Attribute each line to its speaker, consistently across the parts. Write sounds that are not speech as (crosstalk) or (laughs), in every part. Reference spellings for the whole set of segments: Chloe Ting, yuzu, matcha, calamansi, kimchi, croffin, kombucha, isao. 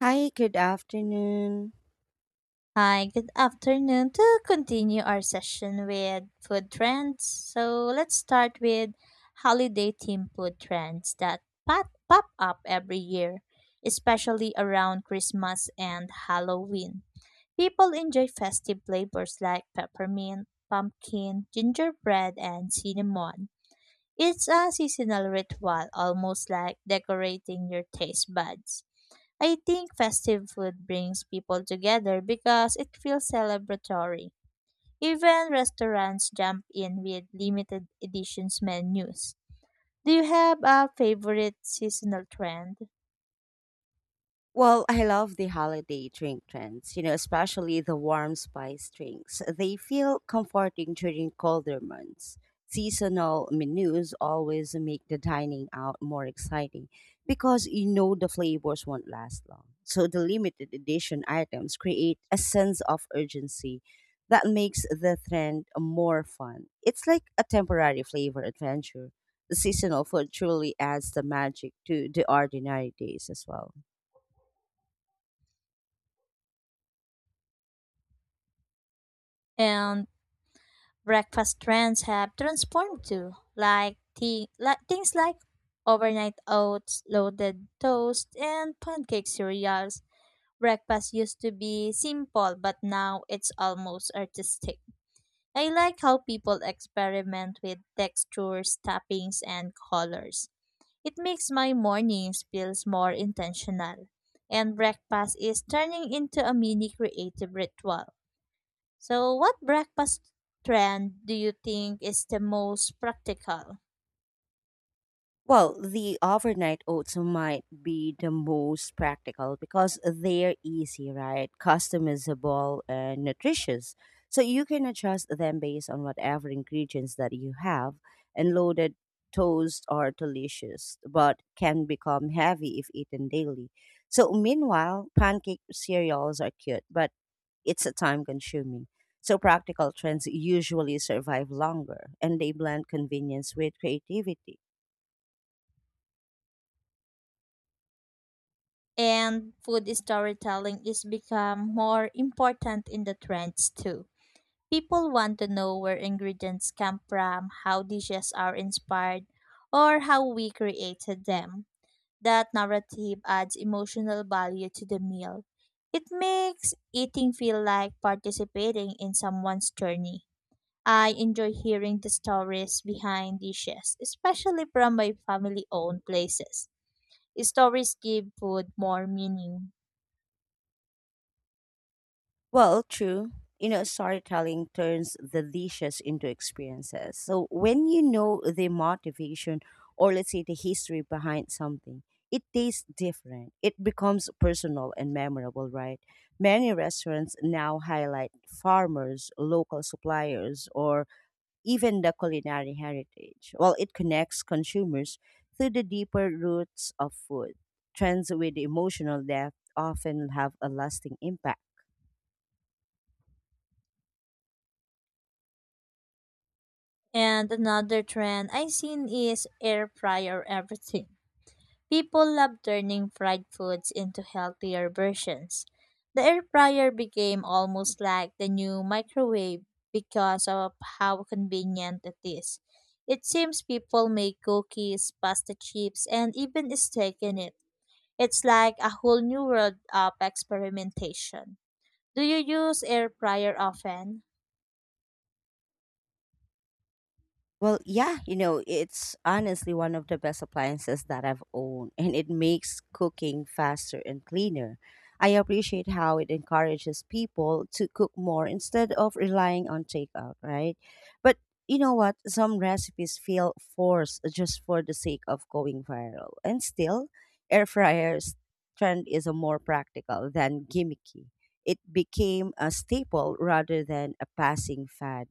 Speaker 1: Hi, good afternoon.
Speaker 2: Hi, good afternoon. To continue our session with food trends, so let's start with holiday themed food trends that pop up every year, especially around Christmas and Halloween. People enjoy festive flavors like peppermint, pumpkin, gingerbread, and cinnamon. It's a seasonal ritual, almost like decorating your taste buds. I think festive food brings people together because it feels celebratory. Even restaurants jump in with limited editions menus. Do you have a favorite seasonal trend?
Speaker 1: Well, I love the holiday drink trends, especially the warm spice drinks. They feel comforting during colder months. Seasonal menus always make the dining out more exciting because you know the flavors won't last long. So the limited edition items create a sense of urgency that makes the trend more fun. It's like a temporary flavor adventure. The seasonal food truly adds the magic to the ordinary days as well.
Speaker 2: And breakfast trends have transformed too, like things like overnight oats, loaded toast, and pancake cereals. Breakfast used to be simple, but now it's almost artistic. I like how people experiment with textures, toppings, and colors. It makes my mornings feels more intentional. And breakfast is turning into a mini creative ritual. So what breakfast trend do you think is the most practical?
Speaker 1: Well, the overnight oats might be the most practical because they're easy, right? Customizable and nutritious. So you can adjust them based on whatever ingredients that you have, and loaded toast are delicious, but can become heavy if eaten daily. So meanwhile, pancake cereals are cute, but it's a time consuming. So practical trends usually survive longer and they blend convenience with creativity.
Speaker 2: And food storytelling is become more important in the trends too. People want to know where ingredients come from, how dishes are inspired, or how we created them. That narrative adds emotional value to the meal. It makes eating feel like participating in someone's journey. I enjoy hearing the stories behind dishes, especially from my family owned places. Stories give food more meaning.
Speaker 1: Well, true. Storytelling turns the dishes into experiences. So when you know the motivation or let's say the history behind something, it tastes different. It becomes personal and memorable, right? Many restaurants now highlight farmers, local suppliers, or even the culinary heritage. Well, it connects consumers to the deeper roots of food. Trends with emotional depth often have a lasting impact.
Speaker 2: And another trend I've seen is air fryer everything. People love turning fried foods into healthier versions. The air fryer became almost like the new microwave because of how convenient it is. It seems people make cookies, pasta chips, and even steak in it. It's like a whole new world of experimentation. Do you use air fryer often?
Speaker 1: Well, yeah, it's honestly one of the best appliances that I've owned, and it makes cooking faster and cleaner. I appreciate how it encourages people to cook more instead of relying on takeout, right? But you know what? Some recipes feel forced just for the sake of going viral. And still, air fryers trend is a more practical than gimmicky. It became a staple rather than a passing fad.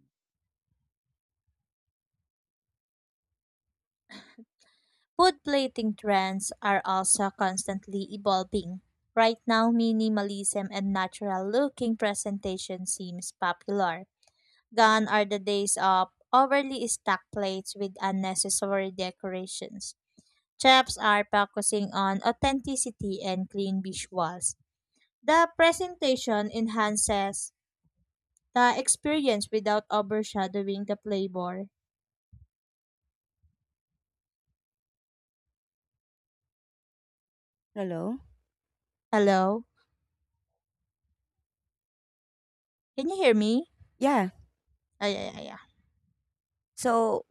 Speaker 2: Food plating trends are also constantly evolving. Right now, minimalism and natural looking presentation seems popular. Gone are the days of overly stacked plates with unnecessary decorations. Chefs are focusing on authenticity and clean visuals. The presentation enhances the experience without overshadowing the flavor.
Speaker 1: Hello?
Speaker 2: Hello? Can you hear me?
Speaker 1: Yeah.
Speaker 2: Ay, ay, ay, ay.
Speaker 1: So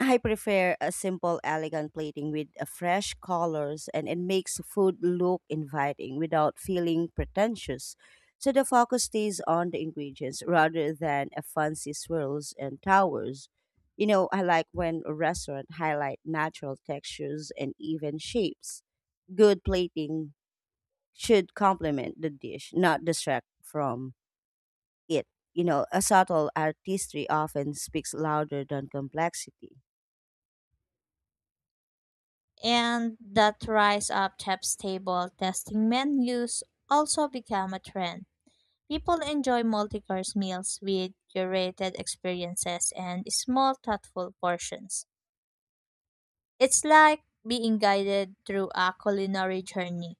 Speaker 1: I prefer a simple, elegant plating with fresh colors, and it makes food look inviting without feeling pretentious. So the focus stays on the ingredients rather than a fancy swirls and towers. I like when a restaurant highlight natural textures and even shapes. Good plating should complement the dish, not distract from it. You know, a subtle artistry often speaks louder than complexity.
Speaker 2: And that rise up tips table testing menus also become a trend. People enjoy multi-course meals with curated experiences and small thoughtful portions. It's like being guided through a culinary journey.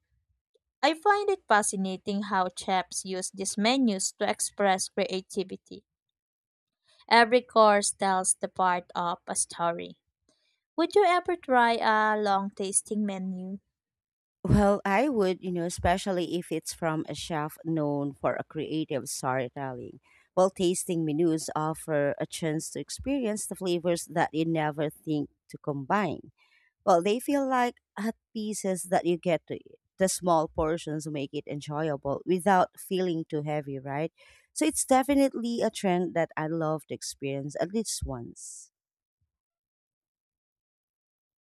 Speaker 2: I find it fascinating how chefs use these menus to express creativity. Every course tells the part of a story. Would you ever try a long tasting menu?
Speaker 1: Well, I would, especially if it's from a chef known for a creative storytelling. Well, tasting menus offer a chance to experience the flavors that you never think to combine. Well, they feel like hot pieces that you get to eat. The small portions make it enjoyable without feeling too heavy, right? So it's definitely a trend that I love to experience at least once.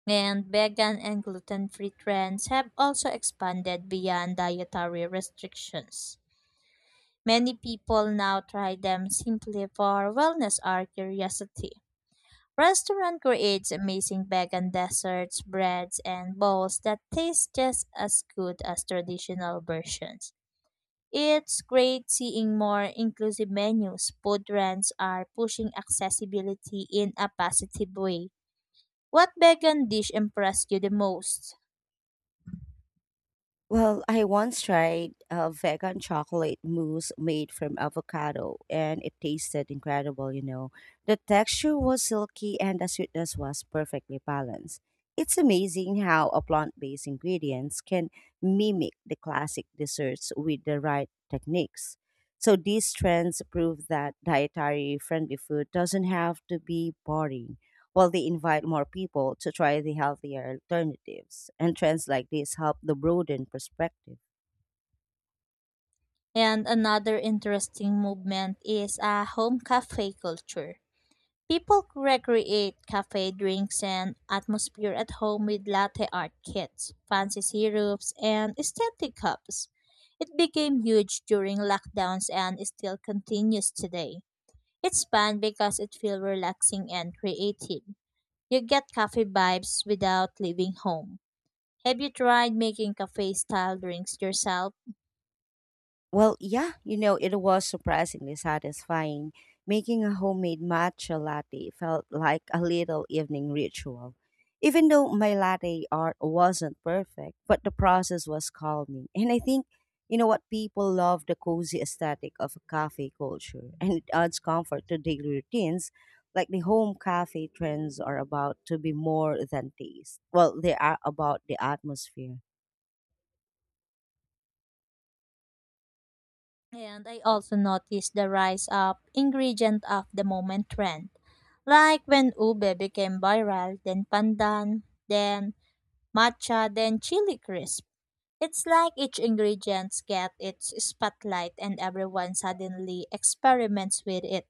Speaker 2: And vegan and gluten free trends have also expanded beyond dietary restrictions. Many people now try them simply for wellness or curiosity. Restaurant creates amazing vegan desserts, breads, and bowls that taste just as good as traditional versions. It's great seeing more inclusive menus. Food trends are pushing accessibility in a positive way. What vegan dish impressed you the most?
Speaker 1: Well, I once tried a vegan chocolate mousse made from avocado, and it tasted incredible. The texture was silky and the sweetness was perfectly balanced. It's amazing how a plant based ingredients can mimic the classic desserts with the right techniques. So these trends prove that dietary friendly food doesn't have to be boring while they invite more people to try the healthier alternatives. And trends like this help the broaden perspective.
Speaker 2: And another interesting movement is a home cafe culture. People recreate cafe drinks and atmosphere at home with latte art kits, fancy syrups, and aesthetic cups. It became huge during lockdowns and still continues today. It's fun because it feels relaxing and creative. You get cafe vibes without leaving home. Have you tried making cafe style drinks yourself?
Speaker 1: Well, yeah, it was surprisingly satisfying. Making a homemade matcha latte felt like a little evening ritual. Even though my latte art wasn't perfect, but the process was calming. (laughs) And I think, you know what, people love the cozy aesthetic of a cafe culture, and it adds comfort to daily routines. Like the home cafe trends are about to be more than taste. Well, they are about the atmosphere.
Speaker 2: And I also noticed the rise up ingredient of the moment trend. Like when ube became viral, then pandan, then matcha, then chili crisp. It's like each ingredient gets its spotlight and everyone suddenly experiments with it.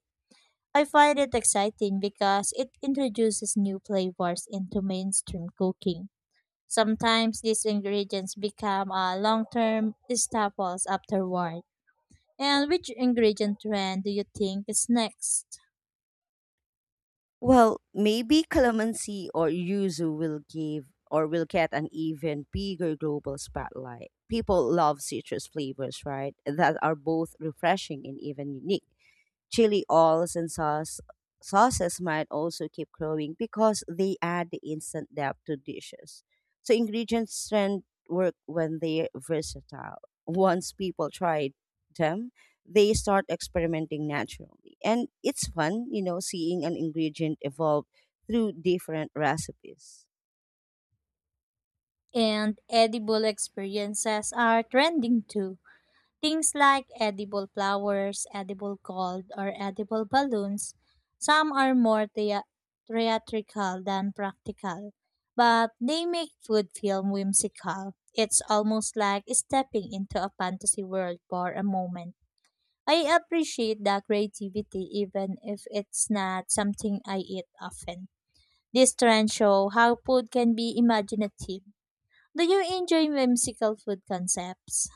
Speaker 2: I find it exciting because it introduces new flavors into mainstream cooking. Sometimes these ingredients become a long-term staples afterward. And which ingredient trend do you think is next?
Speaker 1: Well, maybe calamansi or yuzu will give or will get an even bigger global spotlight. People love citrus flavors, right? That are both refreshing and even unique. Chili oils and sauces might also keep growing because they add the instant depth to dishes. So ingredients strength work when they're versatile. Once people try them, they start experimenting naturally. And it's fun, seeing an ingredient evolve through different recipes.
Speaker 2: And edible experiences are trending too. Things like edible flowers, edible gold, or edible balloons. Some are more theatrical than practical, but they make food feel whimsical. It's almost like stepping into a fantasy world for a moment. I appreciate the creativity even if it's not something I eat often. This trend show how food can be imaginative. Do you enjoy whimsical food concepts?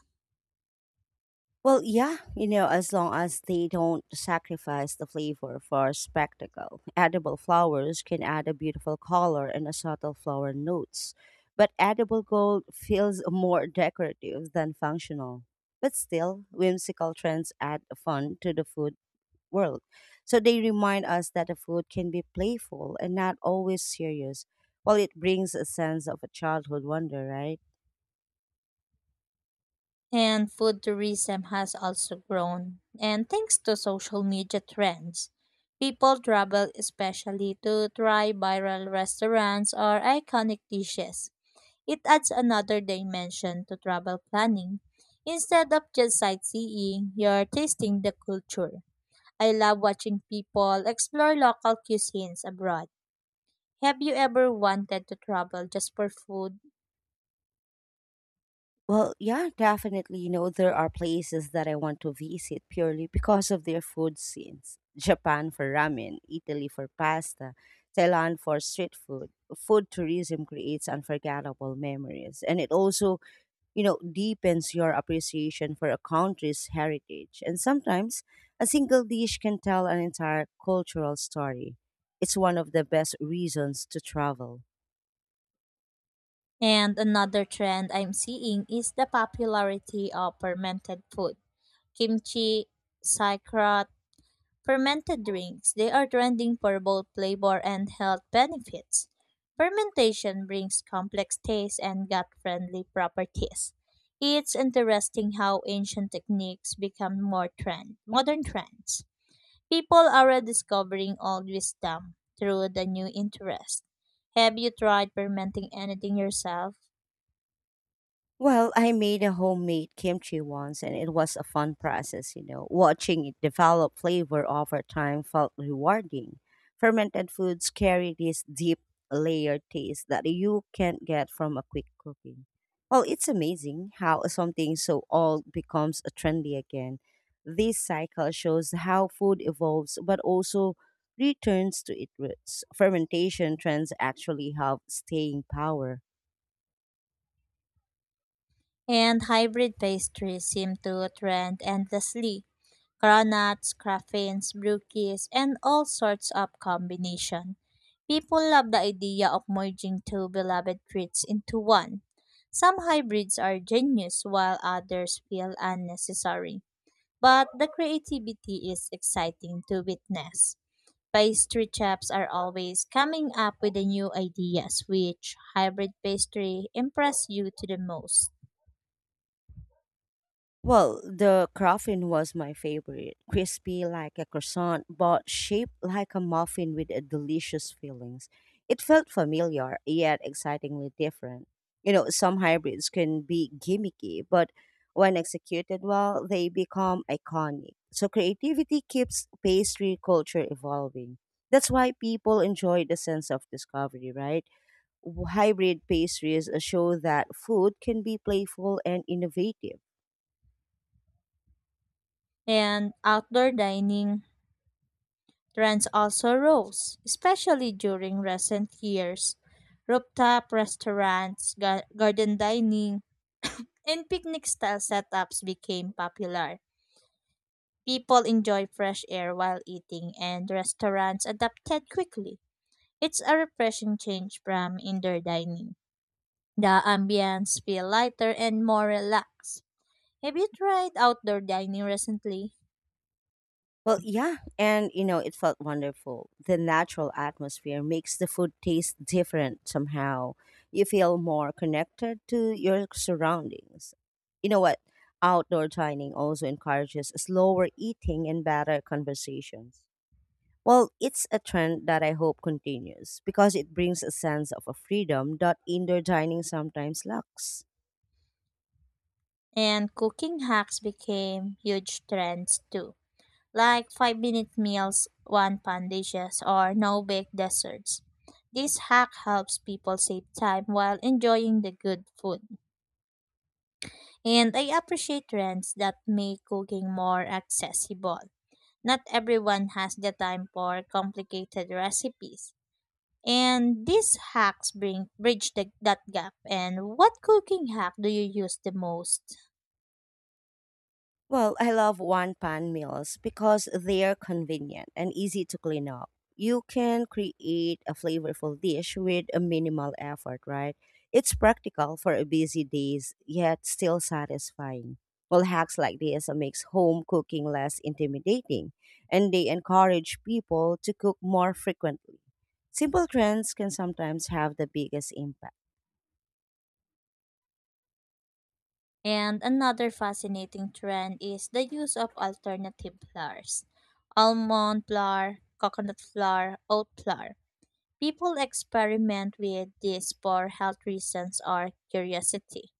Speaker 1: Well, yeah, as long as they don't sacrifice the flavor for spectacle. Edible flowers can add a beautiful color and a subtle flower notes, but edible gold feels more decorative than functional. But still, whimsical trends add fun to the food world. So they remind us that the food can be playful and not always serious. Well, it brings a sense of a childhood wonder, right?
Speaker 2: And food tourism has also grown. And thanks to social media trends, people travel especially to try viral restaurants or iconic dishes. It adds another dimension to travel planning. Instead of just sightseeing, you're tasting the culture. I love watching people explore local cuisines abroad. Have you ever wanted to travel just for food?
Speaker 1: Well, yeah, definitely. There are places that I want to visit purely because of their food scenes. Japan for ramen, Italy for pasta, Thailand for street food. Food tourism creates unforgettable memories and it also, deepens your appreciation for a country's heritage. And sometimes a single dish can tell an entire cultural story. It's one of the best reasons to travel.
Speaker 2: And another trend I'm seeing is the popularity of fermented food. Kimchi, sauerkraut, fermented drinks. They are trending for both flavor and health benefits. Fermentation brings complex tastes and gut-friendly properties. It's interesting how ancient techniques become more trend, modern trends. People are rediscovering old wisdom through the new interest. Have you tried fermenting anything yourself?
Speaker 1: Well, I made a homemade kimchi once and it was a fun process. Watching it develop flavor over time felt rewarding. Fermented foods carry this deep layered taste that you can't get from a quick cooking. Well, it's amazing how something so old becomes trendy again. This cycle shows how food evolves but also returns to its roots. Fermentation trends actually have staying power.
Speaker 2: And hybrid pastries seem to trend endlessly. Cronuts, craffins, brookies, and all sorts of combination. People love the idea of merging two beloved treats into one. Some hybrids are genius while others feel unnecessary, but the creativity is exciting to witness. Pastry chefs are always coming up with the new ideas. Which hybrid pastry impress you to the most?
Speaker 1: Well, the croffin was my favorite. Crispy like a croissant, but shaped like a muffin with a delicious fillings. It felt familiar, yet excitingly different. Some hybrids can be gimmicky, but when executed well, they become iconic. So creativity keeps pastry culture evolving. That's why people enjoy the sense of discovery, right? Hybrid pastries show that food can be playful and innovative.
Speaker 2: And outdoor dining trends also rose, especially during recent years. Rooftop restaurants, garden dining, and picnic style setups became popular. People enjoy fresh air while eating, and restaurants adapted quickly. It's a refreshing change from indoor dining. The ambience feel lighter and more relaxed. Have you tried outdoor dining recently?
Speaker 1: Well, yeah, and it felt wonderful. The natural atmosphere makes the food taste different somehow. You feel more connected to your surroundings. You know what? Outdoor dining also encourages slower eating and better conversations. Well, it's a trend that I hope continues because it brings a sense of a freedom that indoor dining sometimes lacks.
Speaker 2: And cooking hacks became huge trends too, like 5 minute meals, one pan dishes, or no bake desserts. This hack helps people save time while enjoying the good food. And I appreciate trends that make cooking more accessible. Not everyone has the time for complicated recipes. And these hacks bring bridge the, that gap. And what cooking hack do you use the most?
Speaker 1: Well, I love one pan meals because they're convenient and easy to clean up. You can create a flavorful dish with a minimal effort, right? It's practical for a busy days, yet still satisfying. Well, hacks like this makes home cooking less intimidating, and they encourage people to cook more frequently. Simple trends can sometimes have the biggest impact.
Speaker 2: And another fascinating trend is the use of alternative flours. Almond flour, coconut flour, oat flour. People experiment with this for health reasons or curiosity.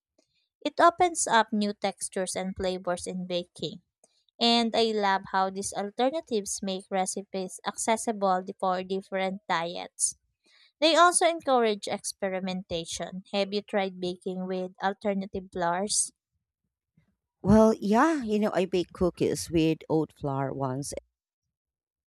Speaker 2: It opens up new textures and flavors in baking. And I love how these alternatives make recipes accessible for different diets. They also encourage experimentation. Have you tried baking with alternative flours?
Speaker 1: Well, yeah, I baked cookies with oat flour once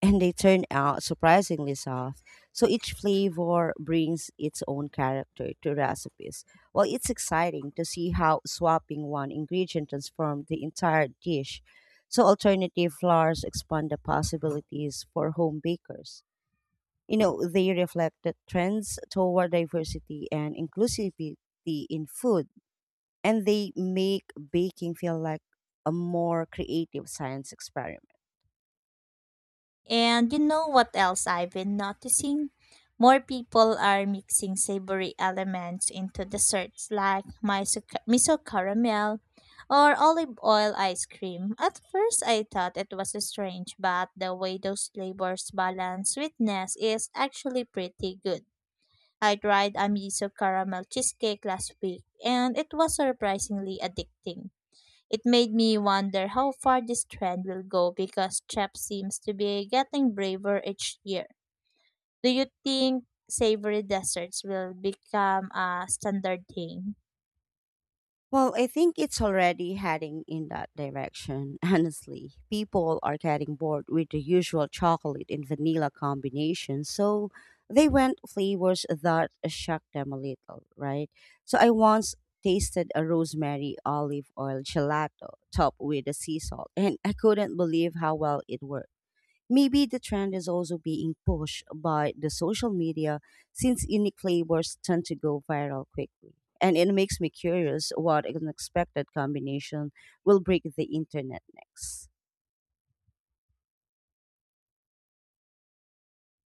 Speaker 1: and they turn out surprisingly soft. So each flavor brings its own character to recipes. Well, it's exciting to see how swapping one ingredient transforms the entire dish. So alternative flours expand the possibilities for home bakers. They reflect the trends toward diversity and inclusivity in food, and they make baking feel like a more creative science experiment.
Speaker 2: And you know what else I've been noticing? More people are mixing savory elements into desserts like miso caramel or olive oil ice cream. At first, I thought it was strange, but the way those flavors balance sweetness is actually pretty good. I tried a miso caramel cheesecake last week, and it was surprisingly addicting. It made me wonder how far this trend will go because chefs seems to be getting braver each year. Do you think savory desserts will become a standard thing?
Speaker 1: Well, I think it's already heading in that direction, (laughs) honestly. People are getting bored with the usual chocolate and vanilla combination, so they want flavors that shock them a little, right? So I once tasted a rosemary olive oil gelato topped with a sea salt, and I couldn't believe how well it worked. Maybe the trend is also being pushed by the social media since unique flavors tend to go viral quickly. And it makes me curious what unexpected combination will break the internet next.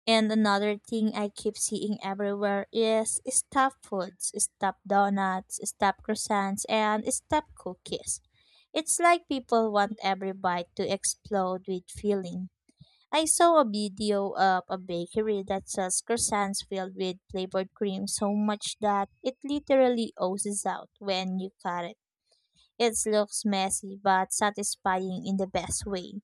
Speaker 2: And another thing I keep seeing everywhere is stuffed foods, stuffed donuts, stuffed croissants, and stuffed cookies. It's like people want every bite to explode with filling. I saw a video of a bakery that sells croissants filled with flavored cream so much that it literally oozes out when you cut it. It looks messy but satisfying in the best way.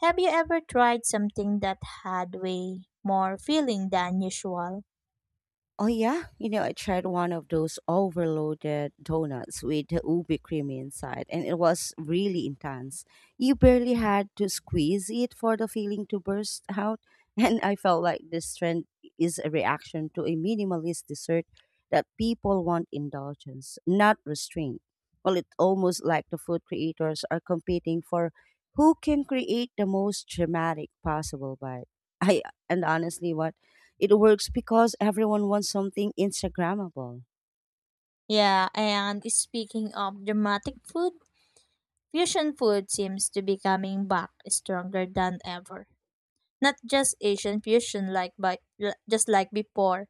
Speaker 2: Have you ever tried something that had way more filling than usual?
Speaker 1: Oh yeah, you know I tried one of those overloaded donuts with the ubi cream inside, and it was really intense. You barely had to squeeze it for the feeling to burst out, (laughs) and I felt like this trend is a reaction to a minimalist dessert that people want indulgence, not restraint. Well, it's almost like the food creators are competing for who can create the most dramatic possible bite. I and honestly, what it works because everyone wants something Instagrammable.
Speaker 2: Yeah, and speaking of dramatic food, fusion food seems to be coming back stronger than ever. Not just Asian fusion like but just like before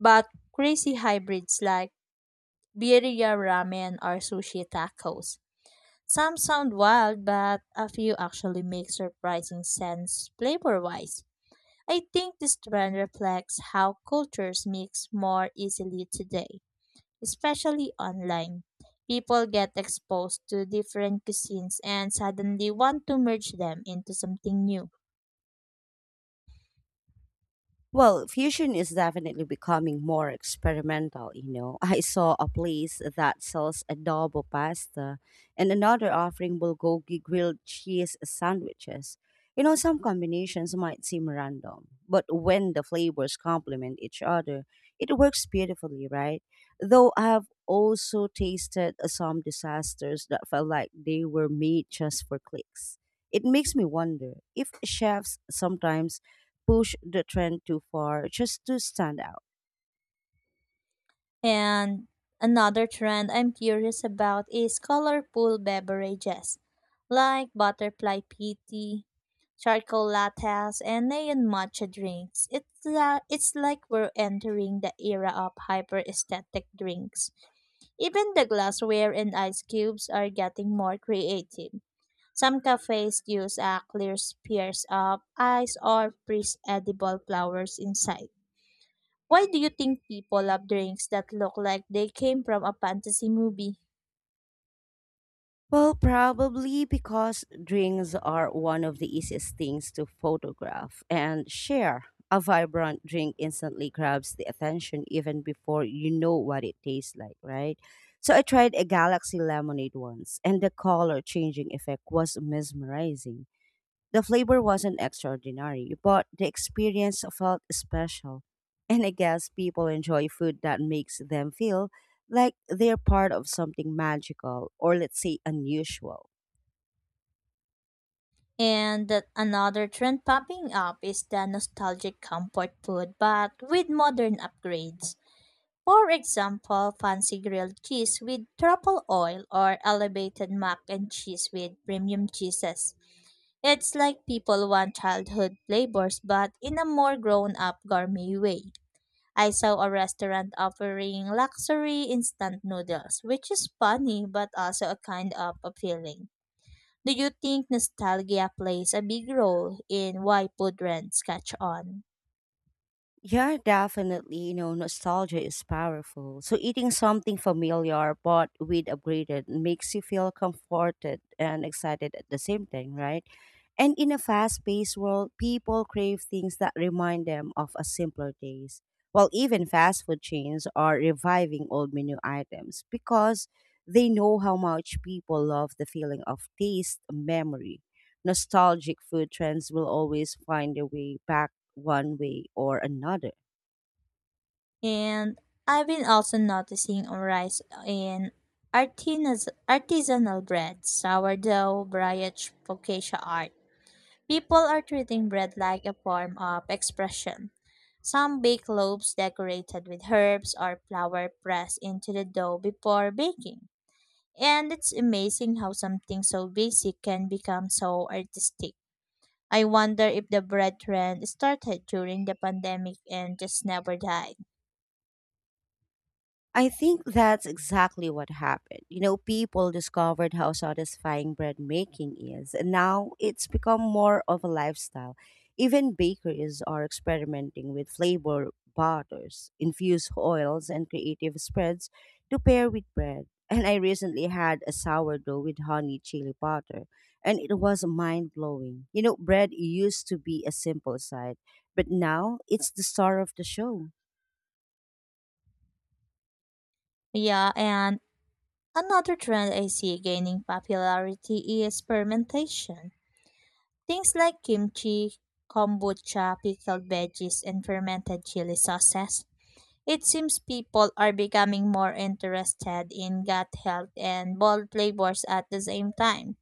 Speaker 2: but crazy hybrids like birria ramen or sushi tacos. Some sound wild, but a few actually make surprising sense flavor wise. I think this trend reflects how cultures mix more easily today, especially online. People get exposed to different cuisines and suddenly want to merge them into something new.
Speaker 1: Well, fusion is definitely becoming more experimental. (laughs) I saw a place that sells adobo pasta and another offering bulgogi grilled cheese sandwiches. Some combinations might seem random, but when the flavors complement each other, it works beautifully, right? Though I have also tasted some disasters that felt like they were made just for clicks. It makes me wonder if chefs sometimes push the trend too far just to stand out?
Speaker 2: And another trend I'm curious about is colorful beverages like butterfly PT, charcoal lattes, and neon matcha drinks. It's like we're entering the era of hyper aesthetic drinks. Even the glassware and ice cubes are getting more creative. Some cafes use a clear spheres of ice or freeze edible flowers inside. Why do you think people love drinks that look like they came from a fantasy movie?
Speaker 1: Well, probably because drinks are one of the easiest things to photograph and share. A vibrant drink instantly grabs the attention even before you know what it tastes like, right? So I tried a galaxy lemonade once, and the color changing effect was mesmerizing. The flavor wasn't extraordinary, but the experience felt special. And I guess people enjoy food that makes them feel like they're part of something magical or, let's say, unusual.
Speaker 2: And that another trend popping up is the nostalgic comfort food, but with modern upgrades. For example, fancy grilled cheese with truffle oil or elevated mac and cheese with premium cheeses. It's like people want childhood flavors but in a more grown up gourmet way. I saw a restaurant offering luxury instant noodles, which is funny but also a kind of appealing. Do you think nostalgia plays a big role in why food trends catch on?
Speaker 1: Yeah, definitely. Nostalgia is powerful. So eating something familiar but with upgraded makes you feel comforted and excited at the same time, right? And in a fast-paced world, people crave things that remind them of a simpler days. Well, even fast food chains are reviving old menu items because they know how much people love the feeling of taste memory nostalgic food trends will always find their way back one way or another.
Speaker 2: And I've been also noticing a rise in artisanal bread, sourdough, brioche, focaccia art. People are treating bread like a form of expression. Some bake loaves decorated with herbs or flour pressed into the dough before baking. And it's amazing how something so basic can become so artistic. I wonder if the bread trend started during the pandemic and just never died.
Speaker 1: I think that's exactly what happened. People discovered how satisfying bread making is, and now it's become more of a lifestyle. Even bakeries are experimenting with flavor butters, infused oils, and creative spreads to pair with bread. And I recently had a sourdough with honey chili butter, and it was mind blowing. Bread used to be a simple side, but now it's the star of the show.
Speaker 2: Yeah, and another trend I see gaining popularity is fermentation. Things like kimchi, kombucha, pickled veggies, and fermented chili sauces. It seems people are becoming more interested in gut health and bold flavors at the same time.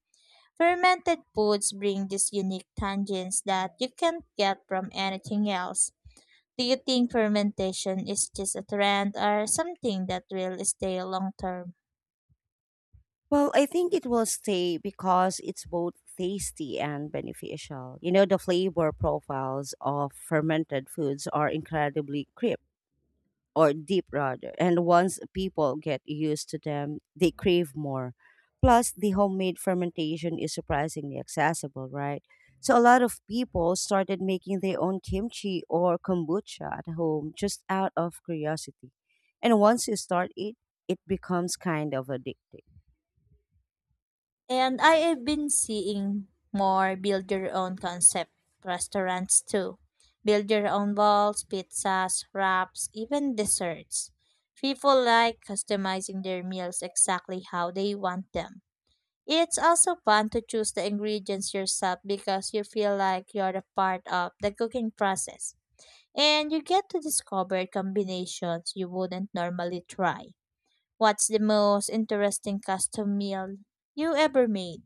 Speaker 2: Fermented foods bring these unique tangents that you can't get from anything else. Do you think fermentation is just a trend or something that will stay long term?
Speaker 1: Well, I think it will stay because it's both tasty and beneficial. The flavor profiles of fermented foods are incredibly crisp or deep rather. And once people get used to them, they crave more. Plus, the homemade fermentation is surprisingly accessible, right? So, a lot of people started making their own kimchi or kombucha at home just out of curiosity. And once you start it, it becomes kind of addicting.
Speaker 2: And I have been seeing more build your own concept restaurants too. Build your own balls, pizzas, wraps, even desserts. People like customizing their meals exactly how they want them. It's also fun to choose the ingredients yourself because you feel like you're a part of the cooking process. And you get to discover combinations you wouldn't normally try. What's the most interesting custom meal you ever made?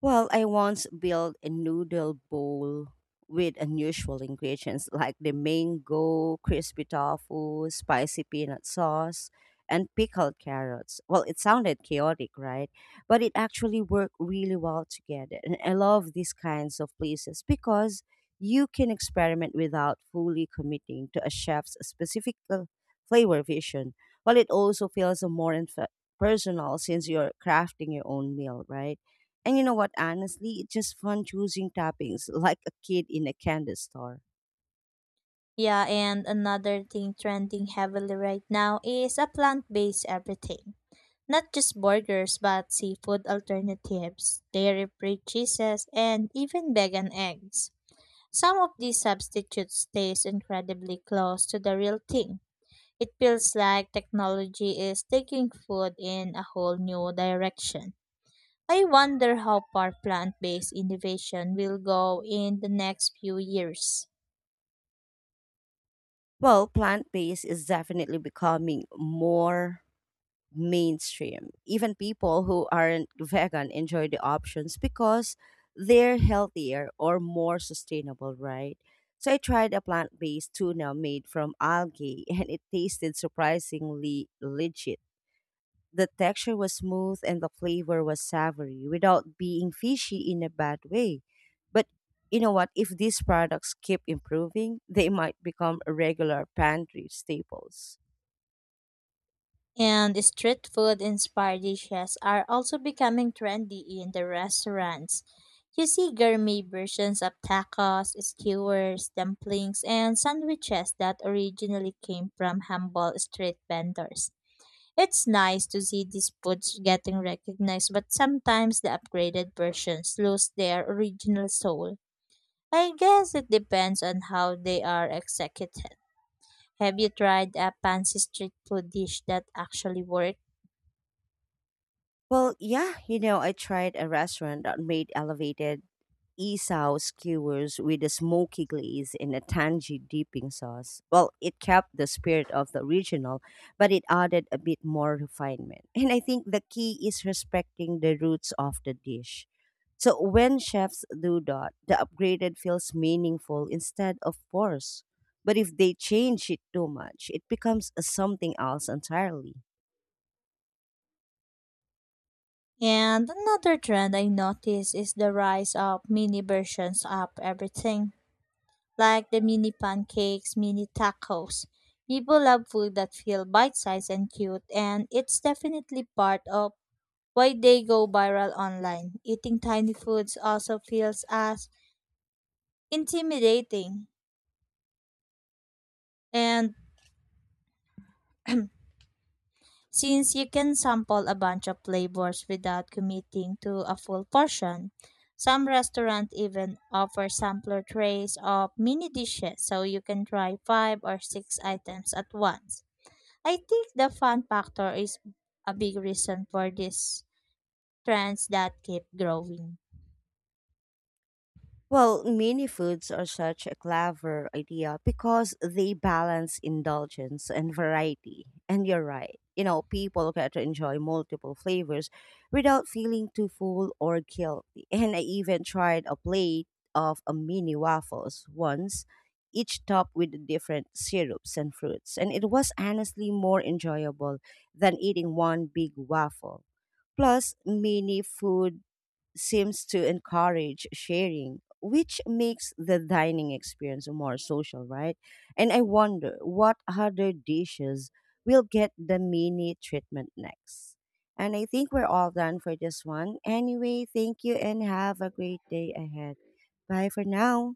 Speaker 1: Well, I once built a noodle bowl with unusual ingredients like the mango, crispy tofu, spicy peanut sauce, and pickled carrots. Well, it sounded chaotic, right? But it actually worked really well together. And I love these kinds of places because you can experiment without fully committing to a chef's specific flavor vision. Well, it also feels more personal since you're crafting your own meal, right? And you know what? Honestly, it's just fun choosing toppings (laughs) like a kid in a candy store.
Speaker 2: Yeah, and another thing trending heavily right now is a plant based everything. Not just burgers, but seafood alternatives, dairy free cheeses, and even vegan eggs. Some of these substitutes taste incredibly close to the real thing. It feels like technology is taking food in a whole new direction. I wonder how far plant based innovation will go in the next few years.
Speaker 1: Well, plant based is definitely becoming more mainstream. Even people who aren't vegan enjoy the options because they're healthier or more sustainable, right? So I tried a plant based tuna made from algae and it tasted surprisingly legit. The texture was smooth and the flavor was savory without being fishy in a bad way. But you know what? If these products keep improving, they might become regular pantry staples.
Speaker 2: And street food inspired dishes are also becoming trendy in the restaurants. You see gourmet versions of tacos, skewers, dumplings, and sandwiches that originally came from humble street vendors. It's nice to see these foods getting recognized, but sometimes the upgraded versions lose their original soul. I guess it depends on how they are executed. Have you tried a fancy street food dish that actually works?
Speaker 1: Well, yeah, I tried a restaurant that made elevated isao skewers with a smoky glaze and a tangy dipping sauce. Well, it kept the spirit of the original, but it added a bit more refinement. And I think the key is respecting the roots of the dish. So when chefs do that, the upgraded feels meaningful instead of forced. But if they change it too much, it becomes something else entirely.
Speaker 2: And another trend I noticed is the rise of mini versions of everything, like the mini pancakes, mini tacos. People love food that feel bite-sized and cute, and it's definitely part of why they go viral online. Eating tiny foods also feels as intimidating and since you can sample a bunch of flavors without committing to a full portion. Some restaurants even offer sampler trays of mini dishes so you can try five or six items at once. I think the fun factor is a big reason for these trends that keep growing.
Speaker 1: Well, mini foods are such a clever idea because they balance indulgence and variety. And you're right. People get to enjoy multiple flavors without feeling too full or guilty. And I even tried a plate of a mini waffles once, each topped with different syrups and fruits. And it was honestly more enjoyable than eating one big waffle. Plus, mini food seems to encourage sharing, which makes the dining experience more social, right? And I wonder what other dishes will get the mini treatment next. And I think we're all done for this one. Anyway, thank you and have a great day ahead. Bye for now.